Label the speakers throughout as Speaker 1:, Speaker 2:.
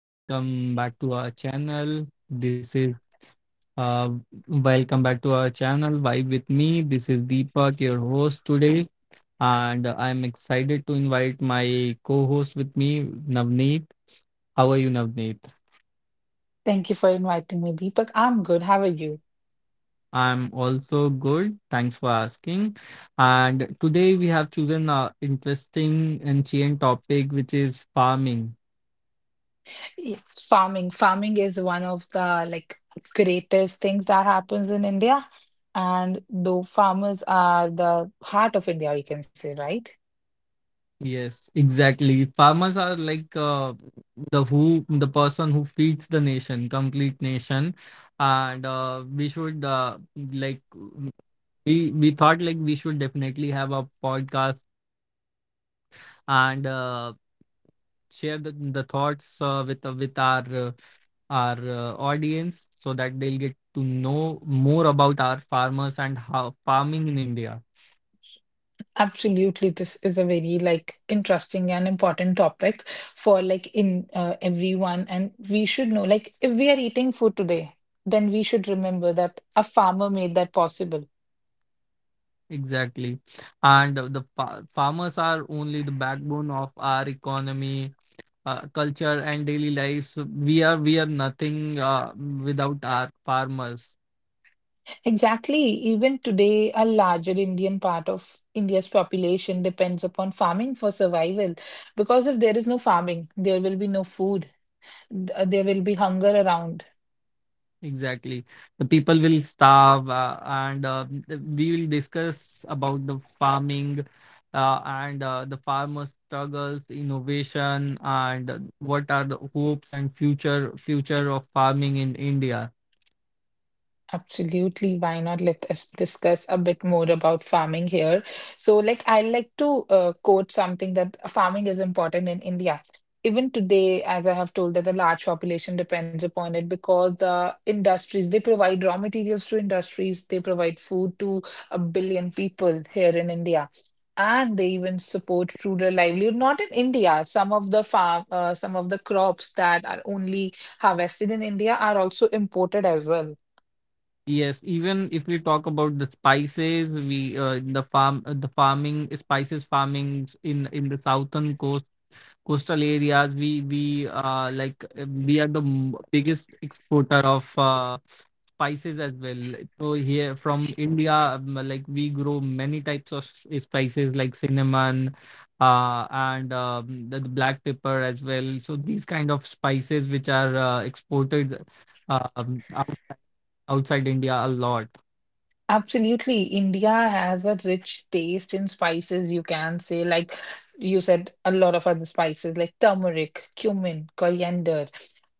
Speaker 1: welcome back to our channel. This is uh welcome back to our channel Vibe with me. This is Deepak, your host today, and I'm excited to invite my co-host with me, Navneet. How are you, Navneet?
Speaker 2: Thank you for inviting me, Deepak. I'm good. How are you?
Speaker 1: I'm also good. Thanks for asking. And today we have chosen an interesting and chain topic, which is farming.
Speaker 2: Yes, farming. Farming is one of the greatest things that happens in India. And though farmers are the heart of India, we can say, right?
Speaker 1: Yes, exactly. Farmers are like the person who feeds the nation, complete nation, and we should like we thought like we should definitely have a podcast and share the thoughts with our audience so that they'll get to know more about our farmers and how farming in India.
Speaker 2: Absolutely, this is a very interesting and important topic for like in everyone. And we should know, like, if we are eating food today, then we should remember that a farmer made that possible.
Speaker 1: Exactly. And the farmers are only the backbone of our economy, culture, and daily life. We are nothing without our farmers.
Speaker 2: Exactly. Even today, a larger Indian part of India's population depends upon farming for survival. Because if there is no farming, there will be no food, there will be hunger around.
Speaker 1: Exactly. The people will starve, and we will discuss about the farming and the farmer struggles, innovation, and what are the hopes and future of farming in India.
Speaker 2: Absolutely. Why not? Let us discuss a bit more about farming here. So, like, I like to quote something that farming is important in India. Even today, as I have told, that the large population depends upon it because the industries, they provide raw materials to industries, they provide food to a billion people here in India. And they even support rural livelihood. Not in India, some of the some of the crops that are only harvested in India are also imported as well.
Speaker 1: Yes, even if we talk about the spices, we in the farm the farming spices farming in the southern coast coastal areas we are the biggest exporter of spices as well. So here from India, like we grow many types of spices like cinnamon, and the black pepper as well. So these kind of spices which are exported um, out, outside India a lot.
Speaker 2: Absolutely. India has a rich taste in spices, you can say, like you said, a lot of other spices like turmeric, cumin, coriander.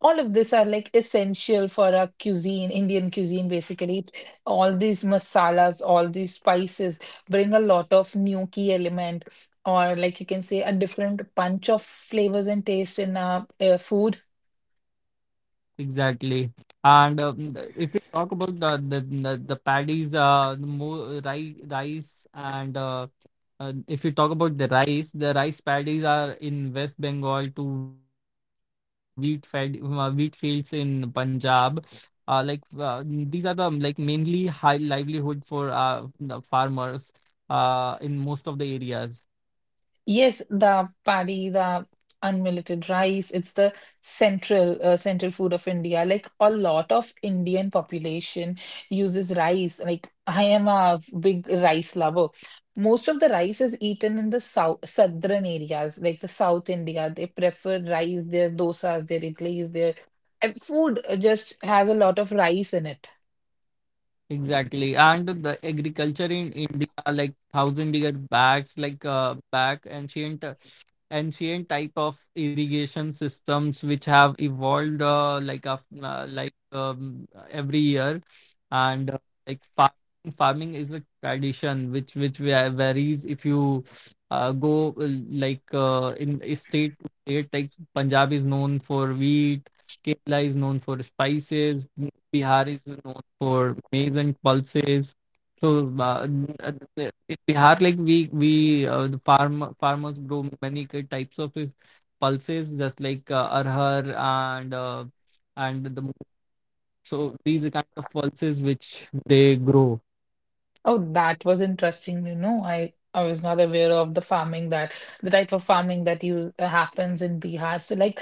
Speaker 2: All of these are like essential for our cuisine, Indian cuisine, basically. All these masalas, all these spices bring a lot of new key element, or like you can say, a different punch of flavors and taste in our food.
Speaker 1: Exactly. And if we talk about the paddies, rice, and if you talk about the rice paddies are in West Bengal to wheat fed wheat fields in Punjab. These are the like mainly high livelihood for the farmers in most of the areas.
Speaker 2: Yes, the paddy, the unmilleted rice, it's the central central food of India. Like a lot of Indian population uses rice. Like I am a big rice lover. Most of the rice is eaten in the southern areas, like the South India. They prefer rice, their dosas, their idlis, their and food just has a lot of rice in it.
Speaker 1: Exactly. And the agriculture in India, like thousand year backs, like back ancient ancient type of irrigation systems which have evolved like af like every year and like farming is a tradition which varies if you go like in a state to state. Like Punjab is known for wheat, Kerala is known for spices, Bihar is known for maize and pulses. So in Bihar, like we the farm farmers grow many types of pulses, just like arhar and the so these are kind of pulses which they grow.
Speaker 2: Oh, that was interesting. You know, I was not aware of the farming that the type of farming that you happens in Bihar. So like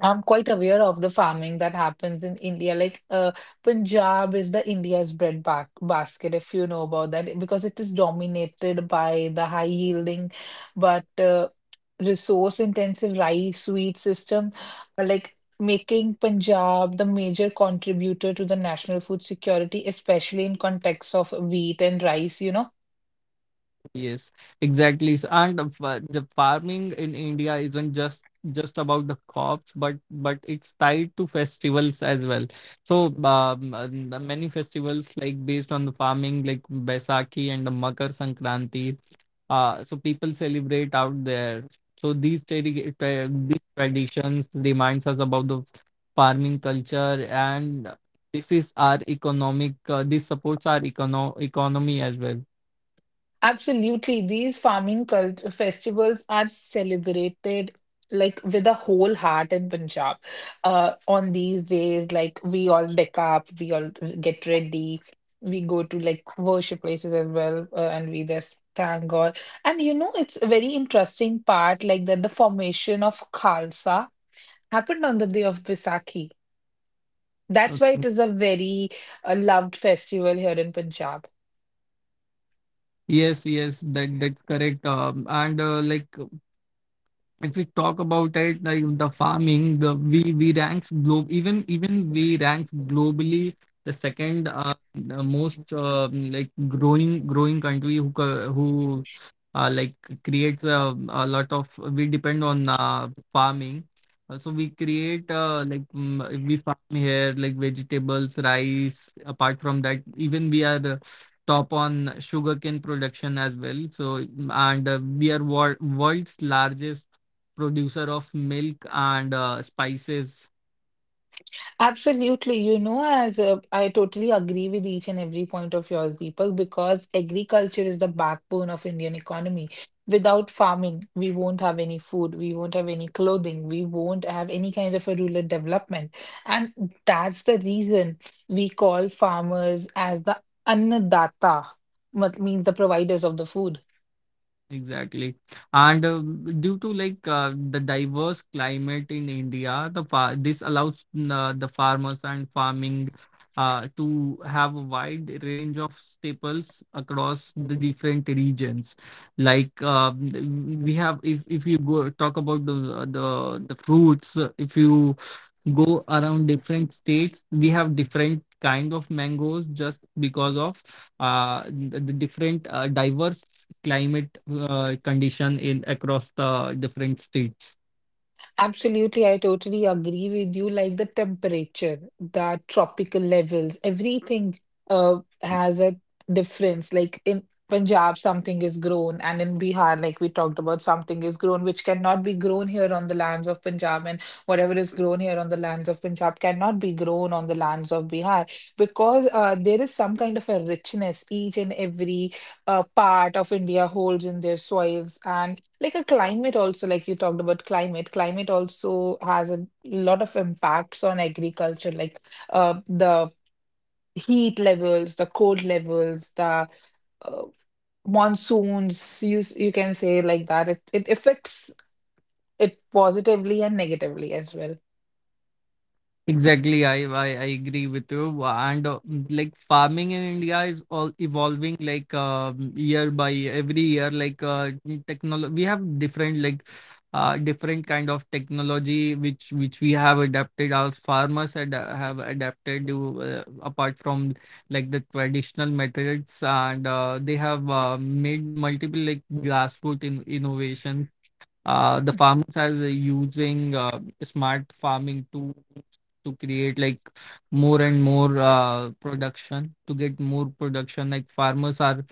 Speaker 2: I'm quite aware of the farming that happens in India. Like, Punjab is the India's bread ba basket, if you know about that, because it is dominated by the high yielding but resource intensive rice wheat system, like making Punjab the major contributor to the national food security, especially in context of wheat and rice, you know.
Speaker 1: Yes, exactly. And the the farming in India isn't just about the crops, but it's tied to festivals as well. So the many festivals like based on the farming, like Baisakhi and the Makar Sankranti. So people celebrate out there. So these these traditions reminds us about the farming culture, and this is our economic. This supports our economy as well.
Speaker 2: Absolutely. These farming cult festivals are celebrated with a whole heart in Punjab. On these days, like we all deck up, we all get ready, we go to like worship places as well, and we just thank God. And you know, it's a very interesting part, like that the formation of Khalsa happened on the day of Baisakhi. That's why it is a very loved festival here in Punjab.
Speaker 1: Yes, yes, that that's correct. And like if we talk about it like the farming the we ranks globe even even we ranks globally the second the most like growing country who uh, like creates a lot of we depend on farming. So we create we farm here like vegetables, rice. Apart from that, even we are the top on sugarcane production as well. So mm, and we are world's largest producer of milk and spices.
Speaker 2: Absolutely. You know, as I totally agree with each and every point of yours, Deepak, because agriculture is the backbone of Indian economy. Without farming, we won't have any food, we won't have any clothing, we won't have any kind of a rural development. And that's the reason we call farmers as the annadatta, what means the providers of the food.
Speaker 1: Exactly. And due to the diverse climate in India, the far this allows the farmers and farming to have a wide range of staples across the different regions. Like we have, if you go talk about the the the fruits, if you go around different states, we have different kind of mangoes just because of the different diverse climate condition in across the different states.
Speaker 2: Absolutely, I totally agree with you. Like the temperature, the tropical levels, everything uh has a difference. Like in Punjab, something is grown, and in Bihar, like we talked about, something is grown which cannot be grown here on the lands of Punjab, and whatever is grown here on the lands of Punjab cannot be grown on the lands of Bihar because there is some kind of a richness each and every part of India holds in their soils, and like a climate also, like you talked about climate, climate also has a lot of impacts on agriculture, like the heat levels, the cold levels, the uh, monsoons, you can say like that. It affects it positively and negatively as well.
Speaker 1: Exactly, I agree with you. And like farming in India is all evolving like year by year, every year. Like technology, we have different like different kind of technology which we have adapted. Our farmers ad have adapted to, apart from like the traditional methods, and they have made multiple like grassroots in innovations. The farmers are using smart farming tools to create like more and more production, to get more production. Like farmers are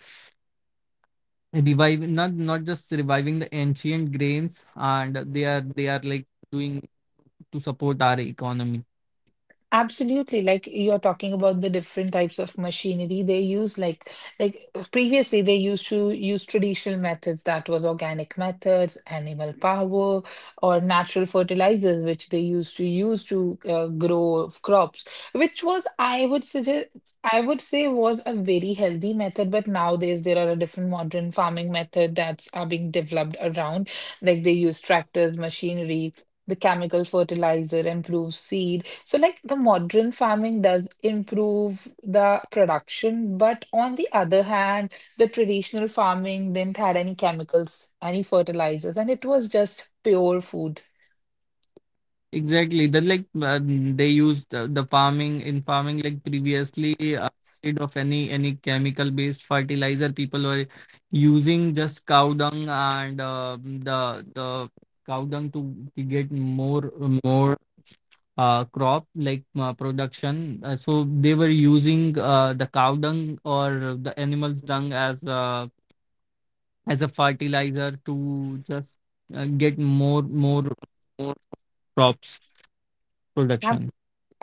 Speaker 1: reviving, not just reviving the ancient grains, and they are like doing to support our economy.
Speaker 2: Absolutely. Like you're talking about the different types of machinery they use, like previously they used to use traditional methods that was organic methods, animal power, or natural fertilizers, which they used to use to grow crops, which was I would say was a very healthy method, but nowadays there are a different modern farming method that's are being developed around. Like they use tractors, machinery, the chemical fertilizer, improves seed so, like the modern farming does improve the production, but on the other hand, the traditional farming didn't had any chemicals, any fertilizers, and it was just pure food.
Speaker 1: Exactly. Then like they used the farming in farming like previously, instead of any chemical based fertilizer, people were using just cow dung and the cow dung to get more crop like production. So they were using the cow dung or the animal's dung as a fertilizer to just get more crops
Speaker 2: Ab-
Speaker 1: production.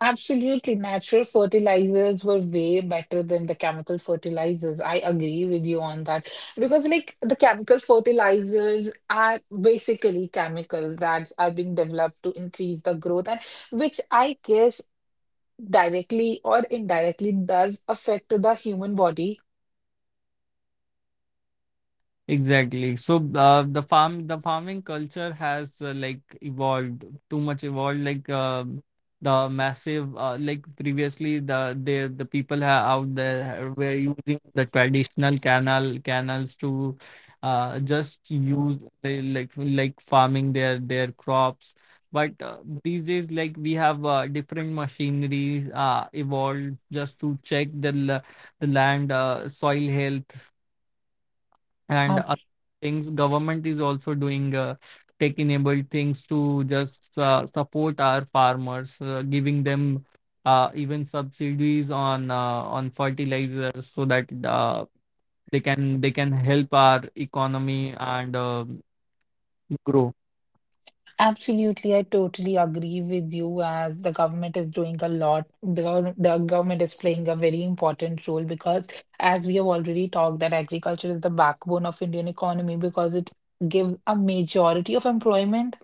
Speaker 2: Absolutely, natural fertilizers were way better than the chemical fertilizers. I agree with you on that because, like, the chemical fertilizers are basically chemicals that are being developed to increase the growth, and which I guess directly or indirectly does affect the human body.
Speaker 1: Exactly. So the farming culture has like evolved. Too much evolved. Like the massive, like previously the people out there were using the traditional canals to just use the, like farming their crops. But these days, like we have different machineries evolved just to check the land soil health and
Speaker 2: Um,
Speaker 1: other things. Government is also doing tech enabled things to just support our farmers, giving them even subsidies on fertilizers so that they can help our economy and grow.
Speaker 2: Absolutely, I totally agree with you as the government is doing a lot. The government is playing a very important role because as we have already talked that agriculture is the backbone of Indian economy because it gives a majority of employment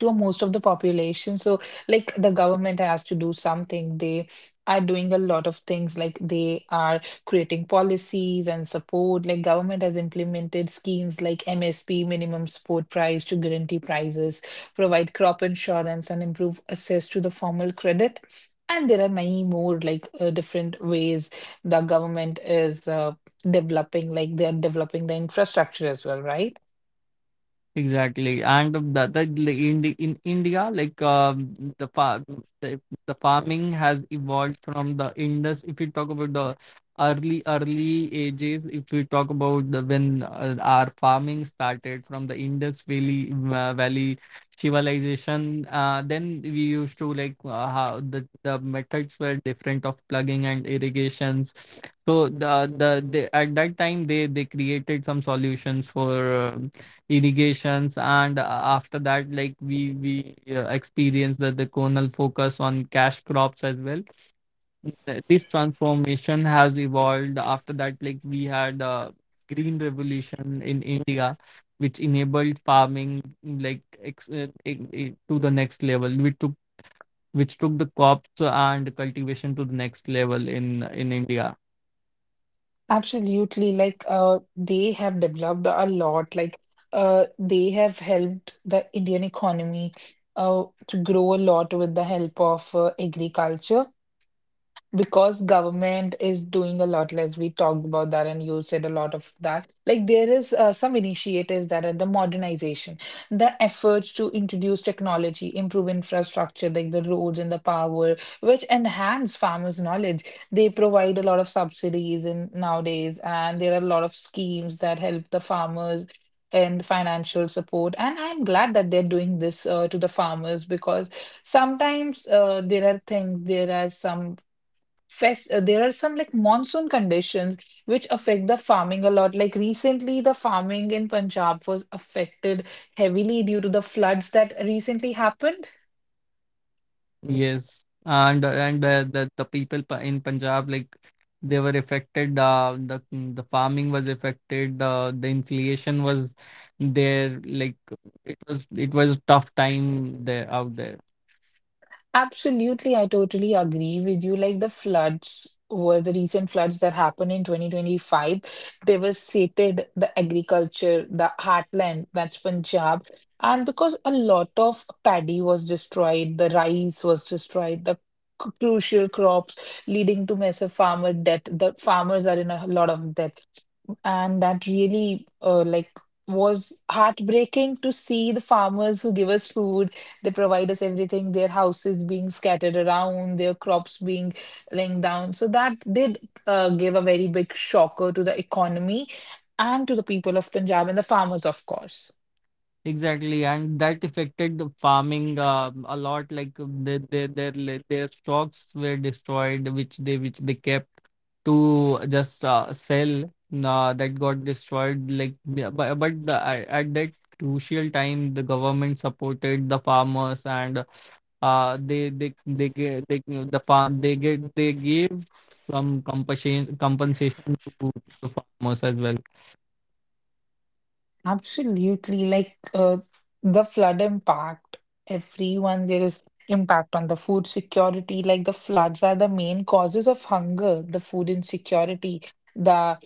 Speaker 2: to most of the population. So like the government has to do something. They are doing a lot of things like they are creating policies and support. Like government has implemented schemes like MSP, minimum support price to guarantee prices provide crop insurance and improve access to the formal credit. And there are many more like different ways the government is developing, like they are developing the infrastructure as well, right?
Speaker 1: Exactly, and the in India, like the, the farming has evolved from the Indus. If you talk about the early ages, if we talk about the when our farming started from the Indus Valley civilization, then we used to like how the methods were different of plugging and irrigations. So at that time they created some solutions for. uh, irrigations, and after that, like we experience that the conal focus on cash crops as well. This transformation has evolved. After that, like we had green revolution in India, which enabled farming like to the next level, which took the crops and cultivation to the next level in India.
Speaker 2: Absolutely. Like they have developed a lot. Like they have helped the Indian economy to grow a lot with the help of agriculture because government is doing a lot less we talked about that and you said a lot of that like there is some initiatives that are the modernization the efforts to introduce technology improve infrastructure like the roads and the power which enhance farmers knowledge they provide a lot of subsidies in nowadays and there are a lot of schemes that help the farmers and financial support and I'm glad that they're doing this to the farmers because sometimes there are some fest there are some like monsoon conditions which affect the farming a lot like recently the farming in Punjab was affected heavily due to the floods that recently happened.
Speaker 1: Yes, and the people in Punjab like they were affected. The farming was affected. The inflation was there. Like it was a tough time there out there.
Speaker 2: Absolutely, I totally agree with you. Like the recent floods that happened in 2025, devastated the agriculture, the heartland, that's Punjab. And because a lot of paddy was destroyed, the rice was destroyed, the crucial crops leading to massive farmer debt. The farmers are in a lot of debt. And that really was heartbreaking to see the farmers who give us food, they provide us everything, their houses being scattered around, their crops being laying down. So that did give a very big shocker to the economy and to the people of Punjab and the farmers, of course.
Speaker 1: Exactly, and that affected the farming a lot. Like their stocks were destroyed, which they kept to just sell. Nah, that got destroyed. Like, but at that crucial time, the government supported the farmers, and they gave they, the farm they get they gave some compensation to the farmers as well.
Speaker 2: Absolutely. Like the flood impact, everyone, there is impact on the food security. Like the floods are the main causes of hunger, the food insecurity. The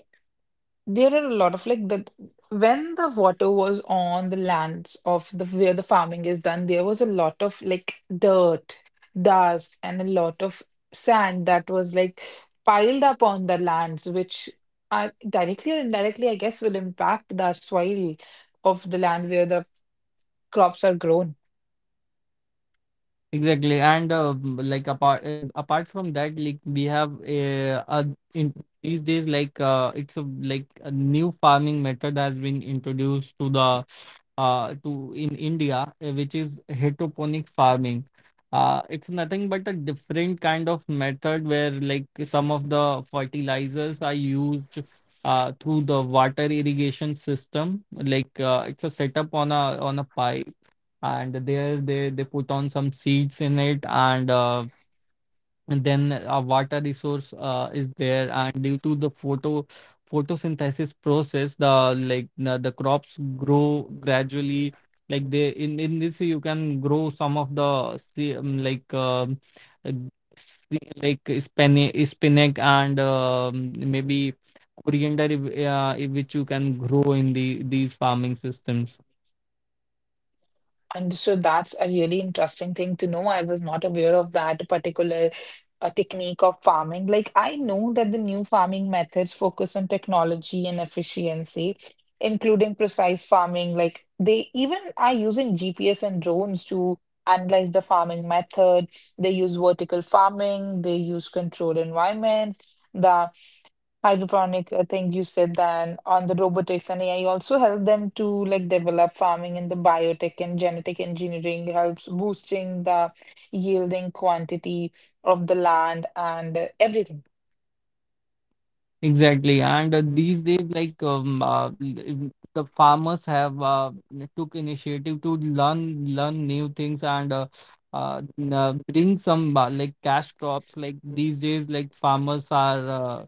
Speaker 2: there are a lot of like that when the water was on the lands of the where the farming is done, there was a lot of like dirt, dust, and a lot of sand that was like piled up on the lands, which are directly or indirectly, I guess, will impact the soil of the land where the crops are grown.
Speaker 1: Exactly, and apart from that, like we have in these days, like it's a like a new farming method has been introduced to the to in India, which is hydroponic farming. It's nothing but a different kind of method where like some of the fertilizers are used through the water irrigation system. Like it's a setup on a pipe, and there they put on some seeds in it, and then a water resource is there, and due to the photosynthesis process the crops grow gradually. Like they, in this you can grow some of the uh, like spinach and maybe coriander, which you can grow in these farming systems.
Speaker 2: And so that's a really interesting thing to know. I was not aware of that particular technique of farming. Like, I know that the new farming methods focus on technology and efficiency, including precise farming. Like, they even are using GPS and drones to analyze the farming method. They use vertical farming, they use controlled environments. The hydroponic thing you said then on the robotics and AI also help them to like develop farming in the biotech and genetic engineering helps boosting the yielding quantity of the land and everything.
Speaker 1: Exactly, and these days, like the farmers have n- took initiative to learn new things, and bring some like cash crops. Like these days, like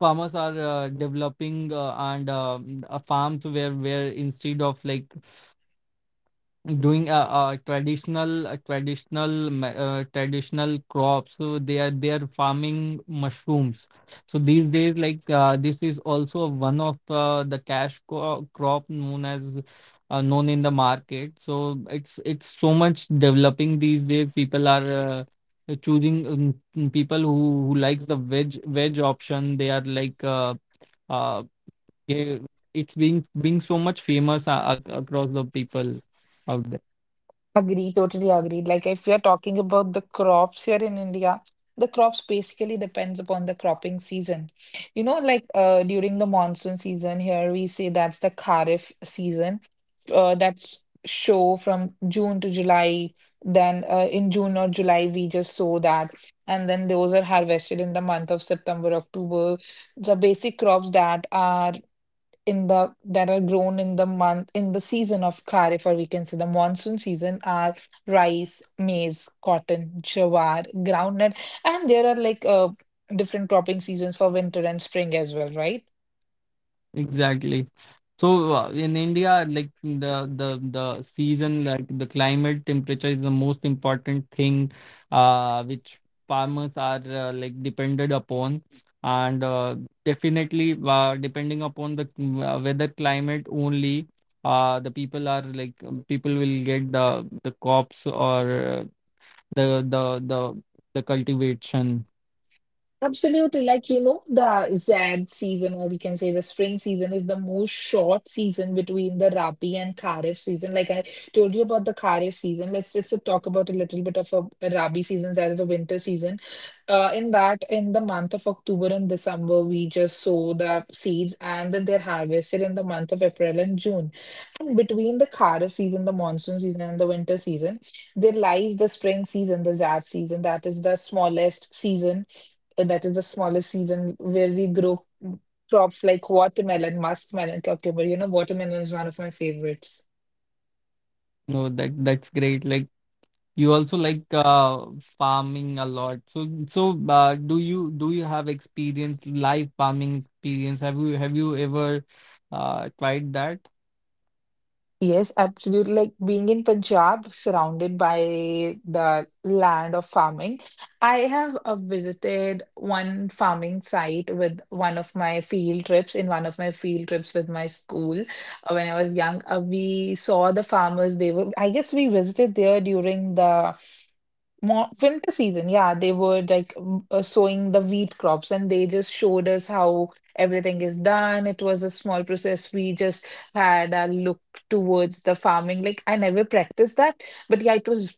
Speaker 1: farmers are developing and farms where instead of like doing traditional traditional crops. So they are farming mushrooms. So these days, like this is also one of the cash crop known as known in the market. So it's so much developing these days. People are people who likes the veg option. They are like uh yeah, it's being so much famous across the people out there.
Speaker 2: Agree, totally agreed. Like if you're talking about the crops here in India, the crops basically depends upon the cropping season. You know, like during the monsoon season here, we say that's the Kharif season. That's show from June to July. Then in June or July, we just sow that. And then those are harvested in the month of September, October. The basic crops that are in the that are grown in the month in the season of kharif or we can say the monsoon season are rice, maize, cotton, jawar, groundnut, and there are like different cropping seasons for winter and spring as well, right?
Speaker 1: Exactly. So in India, like the season, like the climate temperature is the most important thing, which farmers are like dependent upon, and definitely depending upon the weather climate only, the people are like people will get the crops or the the the the cultivation.
Speaker 2: Absolutely. Like, you know, the Zad season, or we can say the spring season, is the most short season between the Rabi and Kharif season. Like I told you about the Kharif season, let's just talk about a little bit of a Rabi season, that is the winter season. In the month of October and December, we just sow the seeds and then they're harvested in the month of April and June. And between the Kharif season, the monsoon season, and the winter season, there lies the spring season, the Zad season, that is the smallest season but that is the smallest season where we grow crops like watermelon, muskmelon, cucumber. You know, watermelon is one of my favorites.
Speaker 1: No, that 's great. You also like farming a lot. So do you have experience live farming experience? Have you ever tried that?
Speaker 2: Yes, absolutely. Like being in Punjab, surrounded by the land of farming, I have visited one farming site with one of my field trips. In one of my field trips with my school, when I was young, we saw the farmers. They were, I guess, we visited there during the more winter season, yeah, they were like sowing the wheat crops and they just showed us how everything is done. It was a small process. We just had a look towards the farming. Like I never practiced that, but yeah, it was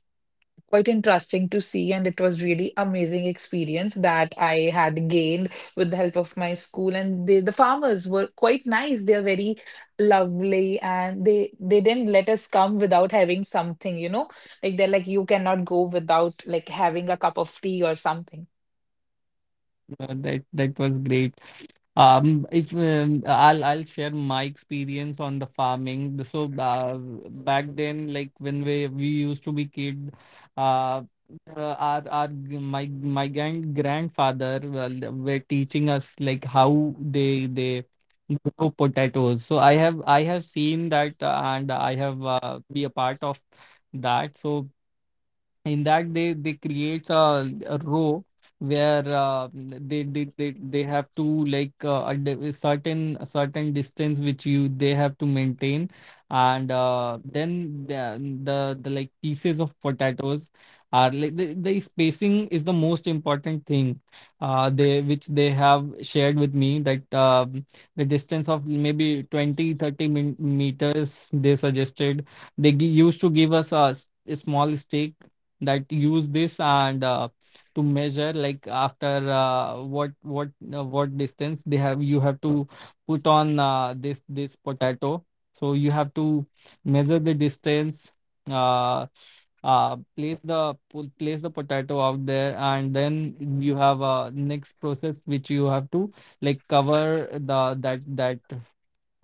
Speaker 2: quite interesting to see, and it was really amazing experience that I had gained with the help of my school. And they, the farmers, were quite nice. They are very lovely and they didn't let us come without having something. Like they're like, you cannot go without like having a cup of tea or something.
Speaker 1: That was great. If I'll share my experience on the farming. So back then, like when we used to be kid, uh, my grandfather well, were teaching us like how they grow potatoes. So I have seen that and I have be a part of that. So in that they creates a row where they have to like a certain distance which you they have to maintain and then the like pieces of potatoes are like the spacing is the most important thing they which they have shared with me that the distance of maybe 20 30 min meters they suggested. They used to give us a small stake that use this, and to measure like after what distance they have you have to put on this potato. So you have to measure the distance, uh, place the place the potato out there, and then you have a next process which you have to like cover the that that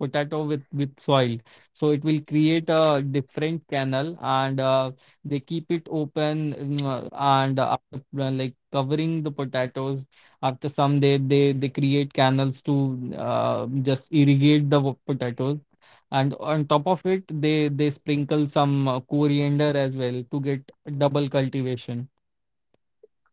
Speaker 1: potato with soil so it will create a different canal. And they keep it open. Mm, and after like covering the potatoes, after some day they create canals to just irrigate the potatoes, and on top of it they sprinkle some coriander as well to get double cultivation.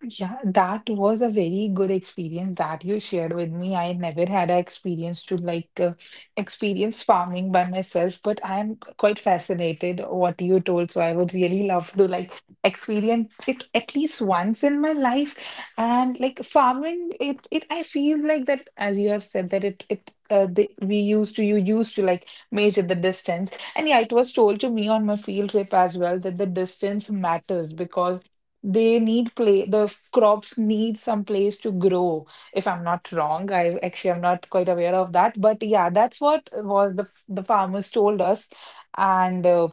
Speaker 2: Yeah, that was a very good experience that you shared with me. I never had an experience to like experience farming by myself, but I am quite fascinated what you told. So I would really love to like experience it at least once in my life. And like farming, it I feel like that, as you have said, that it. We used to, you used to like measure the distance, and yeah, it was told to me on my field trip as well that the distance matters because they need play crops need some place to grow, if I'm not wrong. I actually, I'm not quite aware of that, but yeah, that's what was the farmers told us. And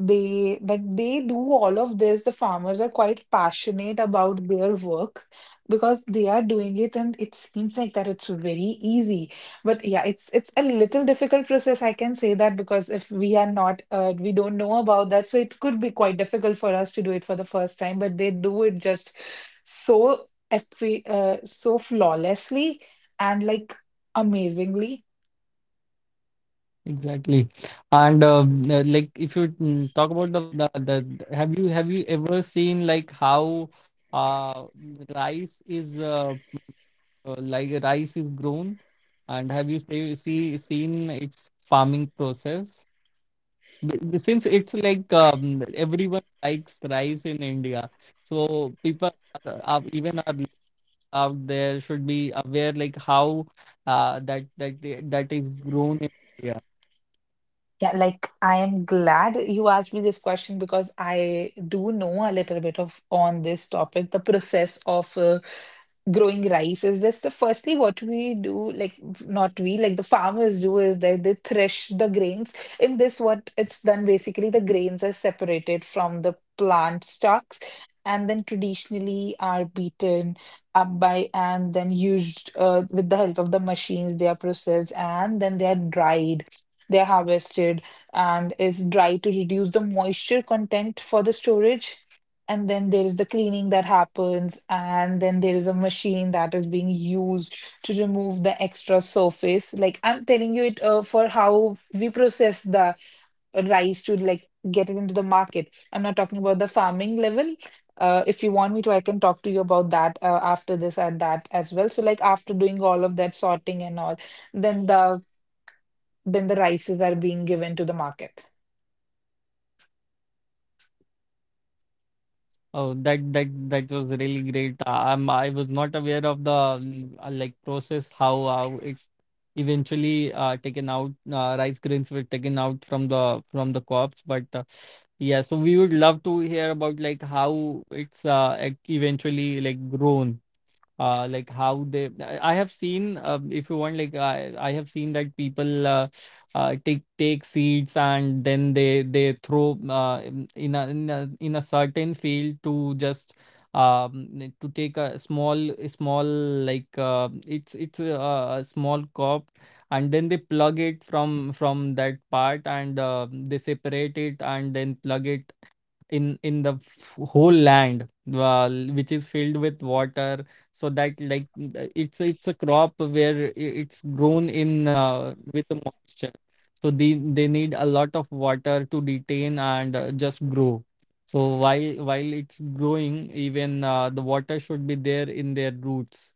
Speaker 2: they like, they do all of this. The farmers are quite passionate about their work, because they are doing it and it seems like that it's very easy, but yeah, it's a little difficult process, I can say that, because if we are not we don't know about that, so it could be quite difficult for us to do it for the first time, but they do it just so flawlessly and like amazingly.
Speaker 1: Exactly. And like if you talk about the have you ever seen like how uh rice is rice is grown, and have you seen its farming process? B- b- Since it's like everyone likes rice in India, so people are out there should be aware like how uh, that that that is grown in India.
Speaker 2: Yeah, like I am glad you asked me this question, because I do know a little bit of on this topic. The process of growing rice is just the firstly what we do, like not we, like the farmers do, is that they thresh the grains. In this, what it's done basically, the grains are separated from the plant stalks and then traditionally are beaten up by and then used with the help of the machines. They are processed and then they are dried, they're harvested, and is dry to reduce the moisture content for the storage. And then there is the cleaning that happens, and then there is a machine that is being used to remove the extra surface. Like I'm telling you it for how we process the rice to like get it into the market. I'm not talking about the farming level. If you want me to, I can talk to you about that after this and that as well. So like after doing all of that sorting and all, then the than the rices are being given to the market.
Speaker 1: Oh, that was really great. I was not aware of the like process how it eventually taken out rice grains were taken out from the crops. But yeah, so we would love to hear about like how it's eventually like grown, like how they. I have seen if you want, like I have seen that people take seats and then they throw in in a certain field to just to take a small small like it's a small cup, and then they plug it from that part, and they separate it and then plug it in the whole land, uh, which is filled with water. So that like it's a crop where it's grown in with the moisture, so they need a lot of water to detain and just grow. So while it's growing, even the water should be there in their roots.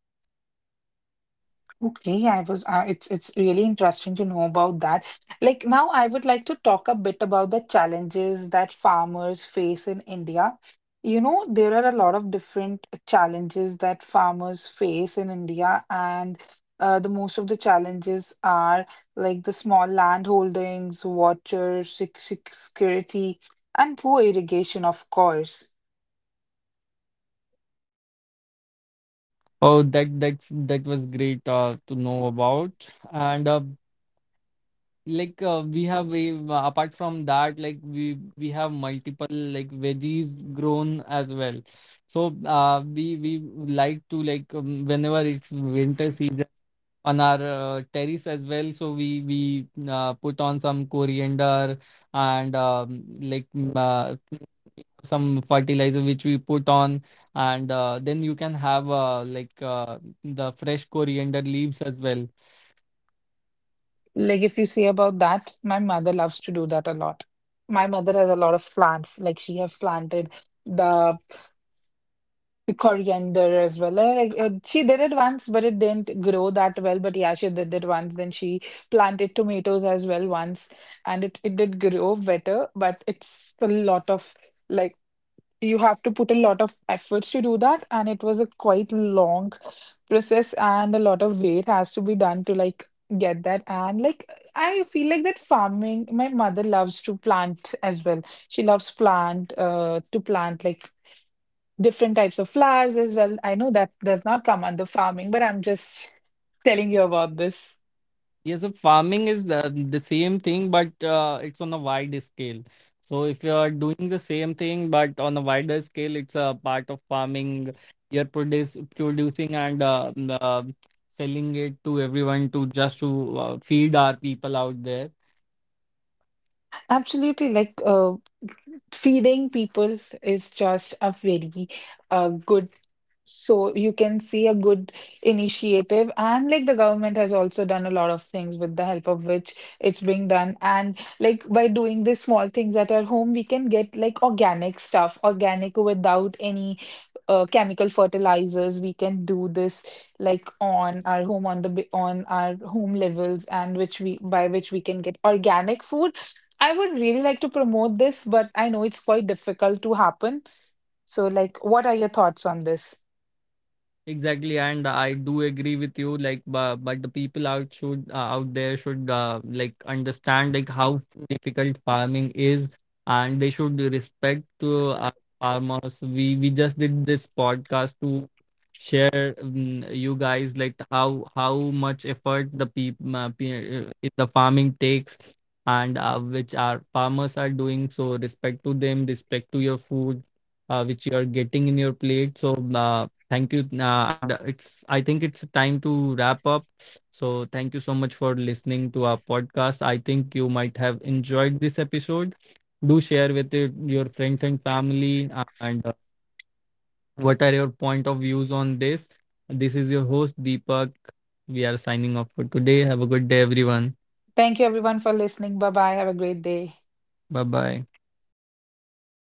Speaker 2: Okay, I was. It's really interesting to know about that. Like now, I would like to talk a bit about the challenges that farmers face in India. You know, there are a lot of different challenges that farmers face in India, and the most of the challenges are like the small land holdings, water security, and poor irrigation, of course.
Speaker 1: Oh, that's that was great to know about. And apart from that, like we have multiple like veggies grown as well. So we like to like whenever it's winter season on our terrace as well. So we put on some coriander, and some fertilizer which we put on, and then you can have the fresh coriander leaves as well.
Speaker 2: Like if you say about that, my mother loves to do that a lot. My mother has a lot of plants. Like she have planted the coriander as well. Like she did it once, but it didn't grow that well. But yeah, she did it once. Then she planted tomatoes as well once, and it did grow better. But it's a lot of, like, you have to put a lot of efforts to do that, and it was a quite long process and a lot of weight has to be done to like get that. And like, I feel like that farming, my mother loves to plant as well. She loves plant to plant like different types of flowers as well. I know that does not come under farming, but I'm just telling you about this.
Speaker 1: Yes, so farming is the same thing, but it's on a wide scale. So if you are doing the same thing, but on a wider scale, it's a part of farming. You're producing and selling it to everyone to just to feed our people out there.
Speaker 2: Absolutely, like feeding people is just a very good, so you can see a good initiative, and like the government has also done a lot of things with the help of which it's being done. And like by doing these small things at our home, we can get like organic stuff, organic without any chemical fertilizers. We can do this like on our home, on on our home levels, and which we, by which we can get organic food. I would really like to promote this, but I know it's quite difficult to happen. So like, what are your thoughts on this?
Speaker 1: Exactly, and I do agree with you. Like, but the people out should out there should like understand like how difficult farming is, and they should respect to farmers. We just did this podcast to share you guys like how much effort the farming takes, and which our farmers are doing. So respect to them, respect to your food which you are getting in your plate. So thank you. And it's, I think it's time to wrap up. So thank you so much for listening to our podcast. I think you might have enjoyed this episode. Do share with it, your friends and family. And what are your point of views on this? This is your host, Deepak. We are signing off for today. Have a good day, everyone.
Speaker 2: Thank you everyone for listening. Bye bye. Have a great day.
Speaker 1: Bye bye.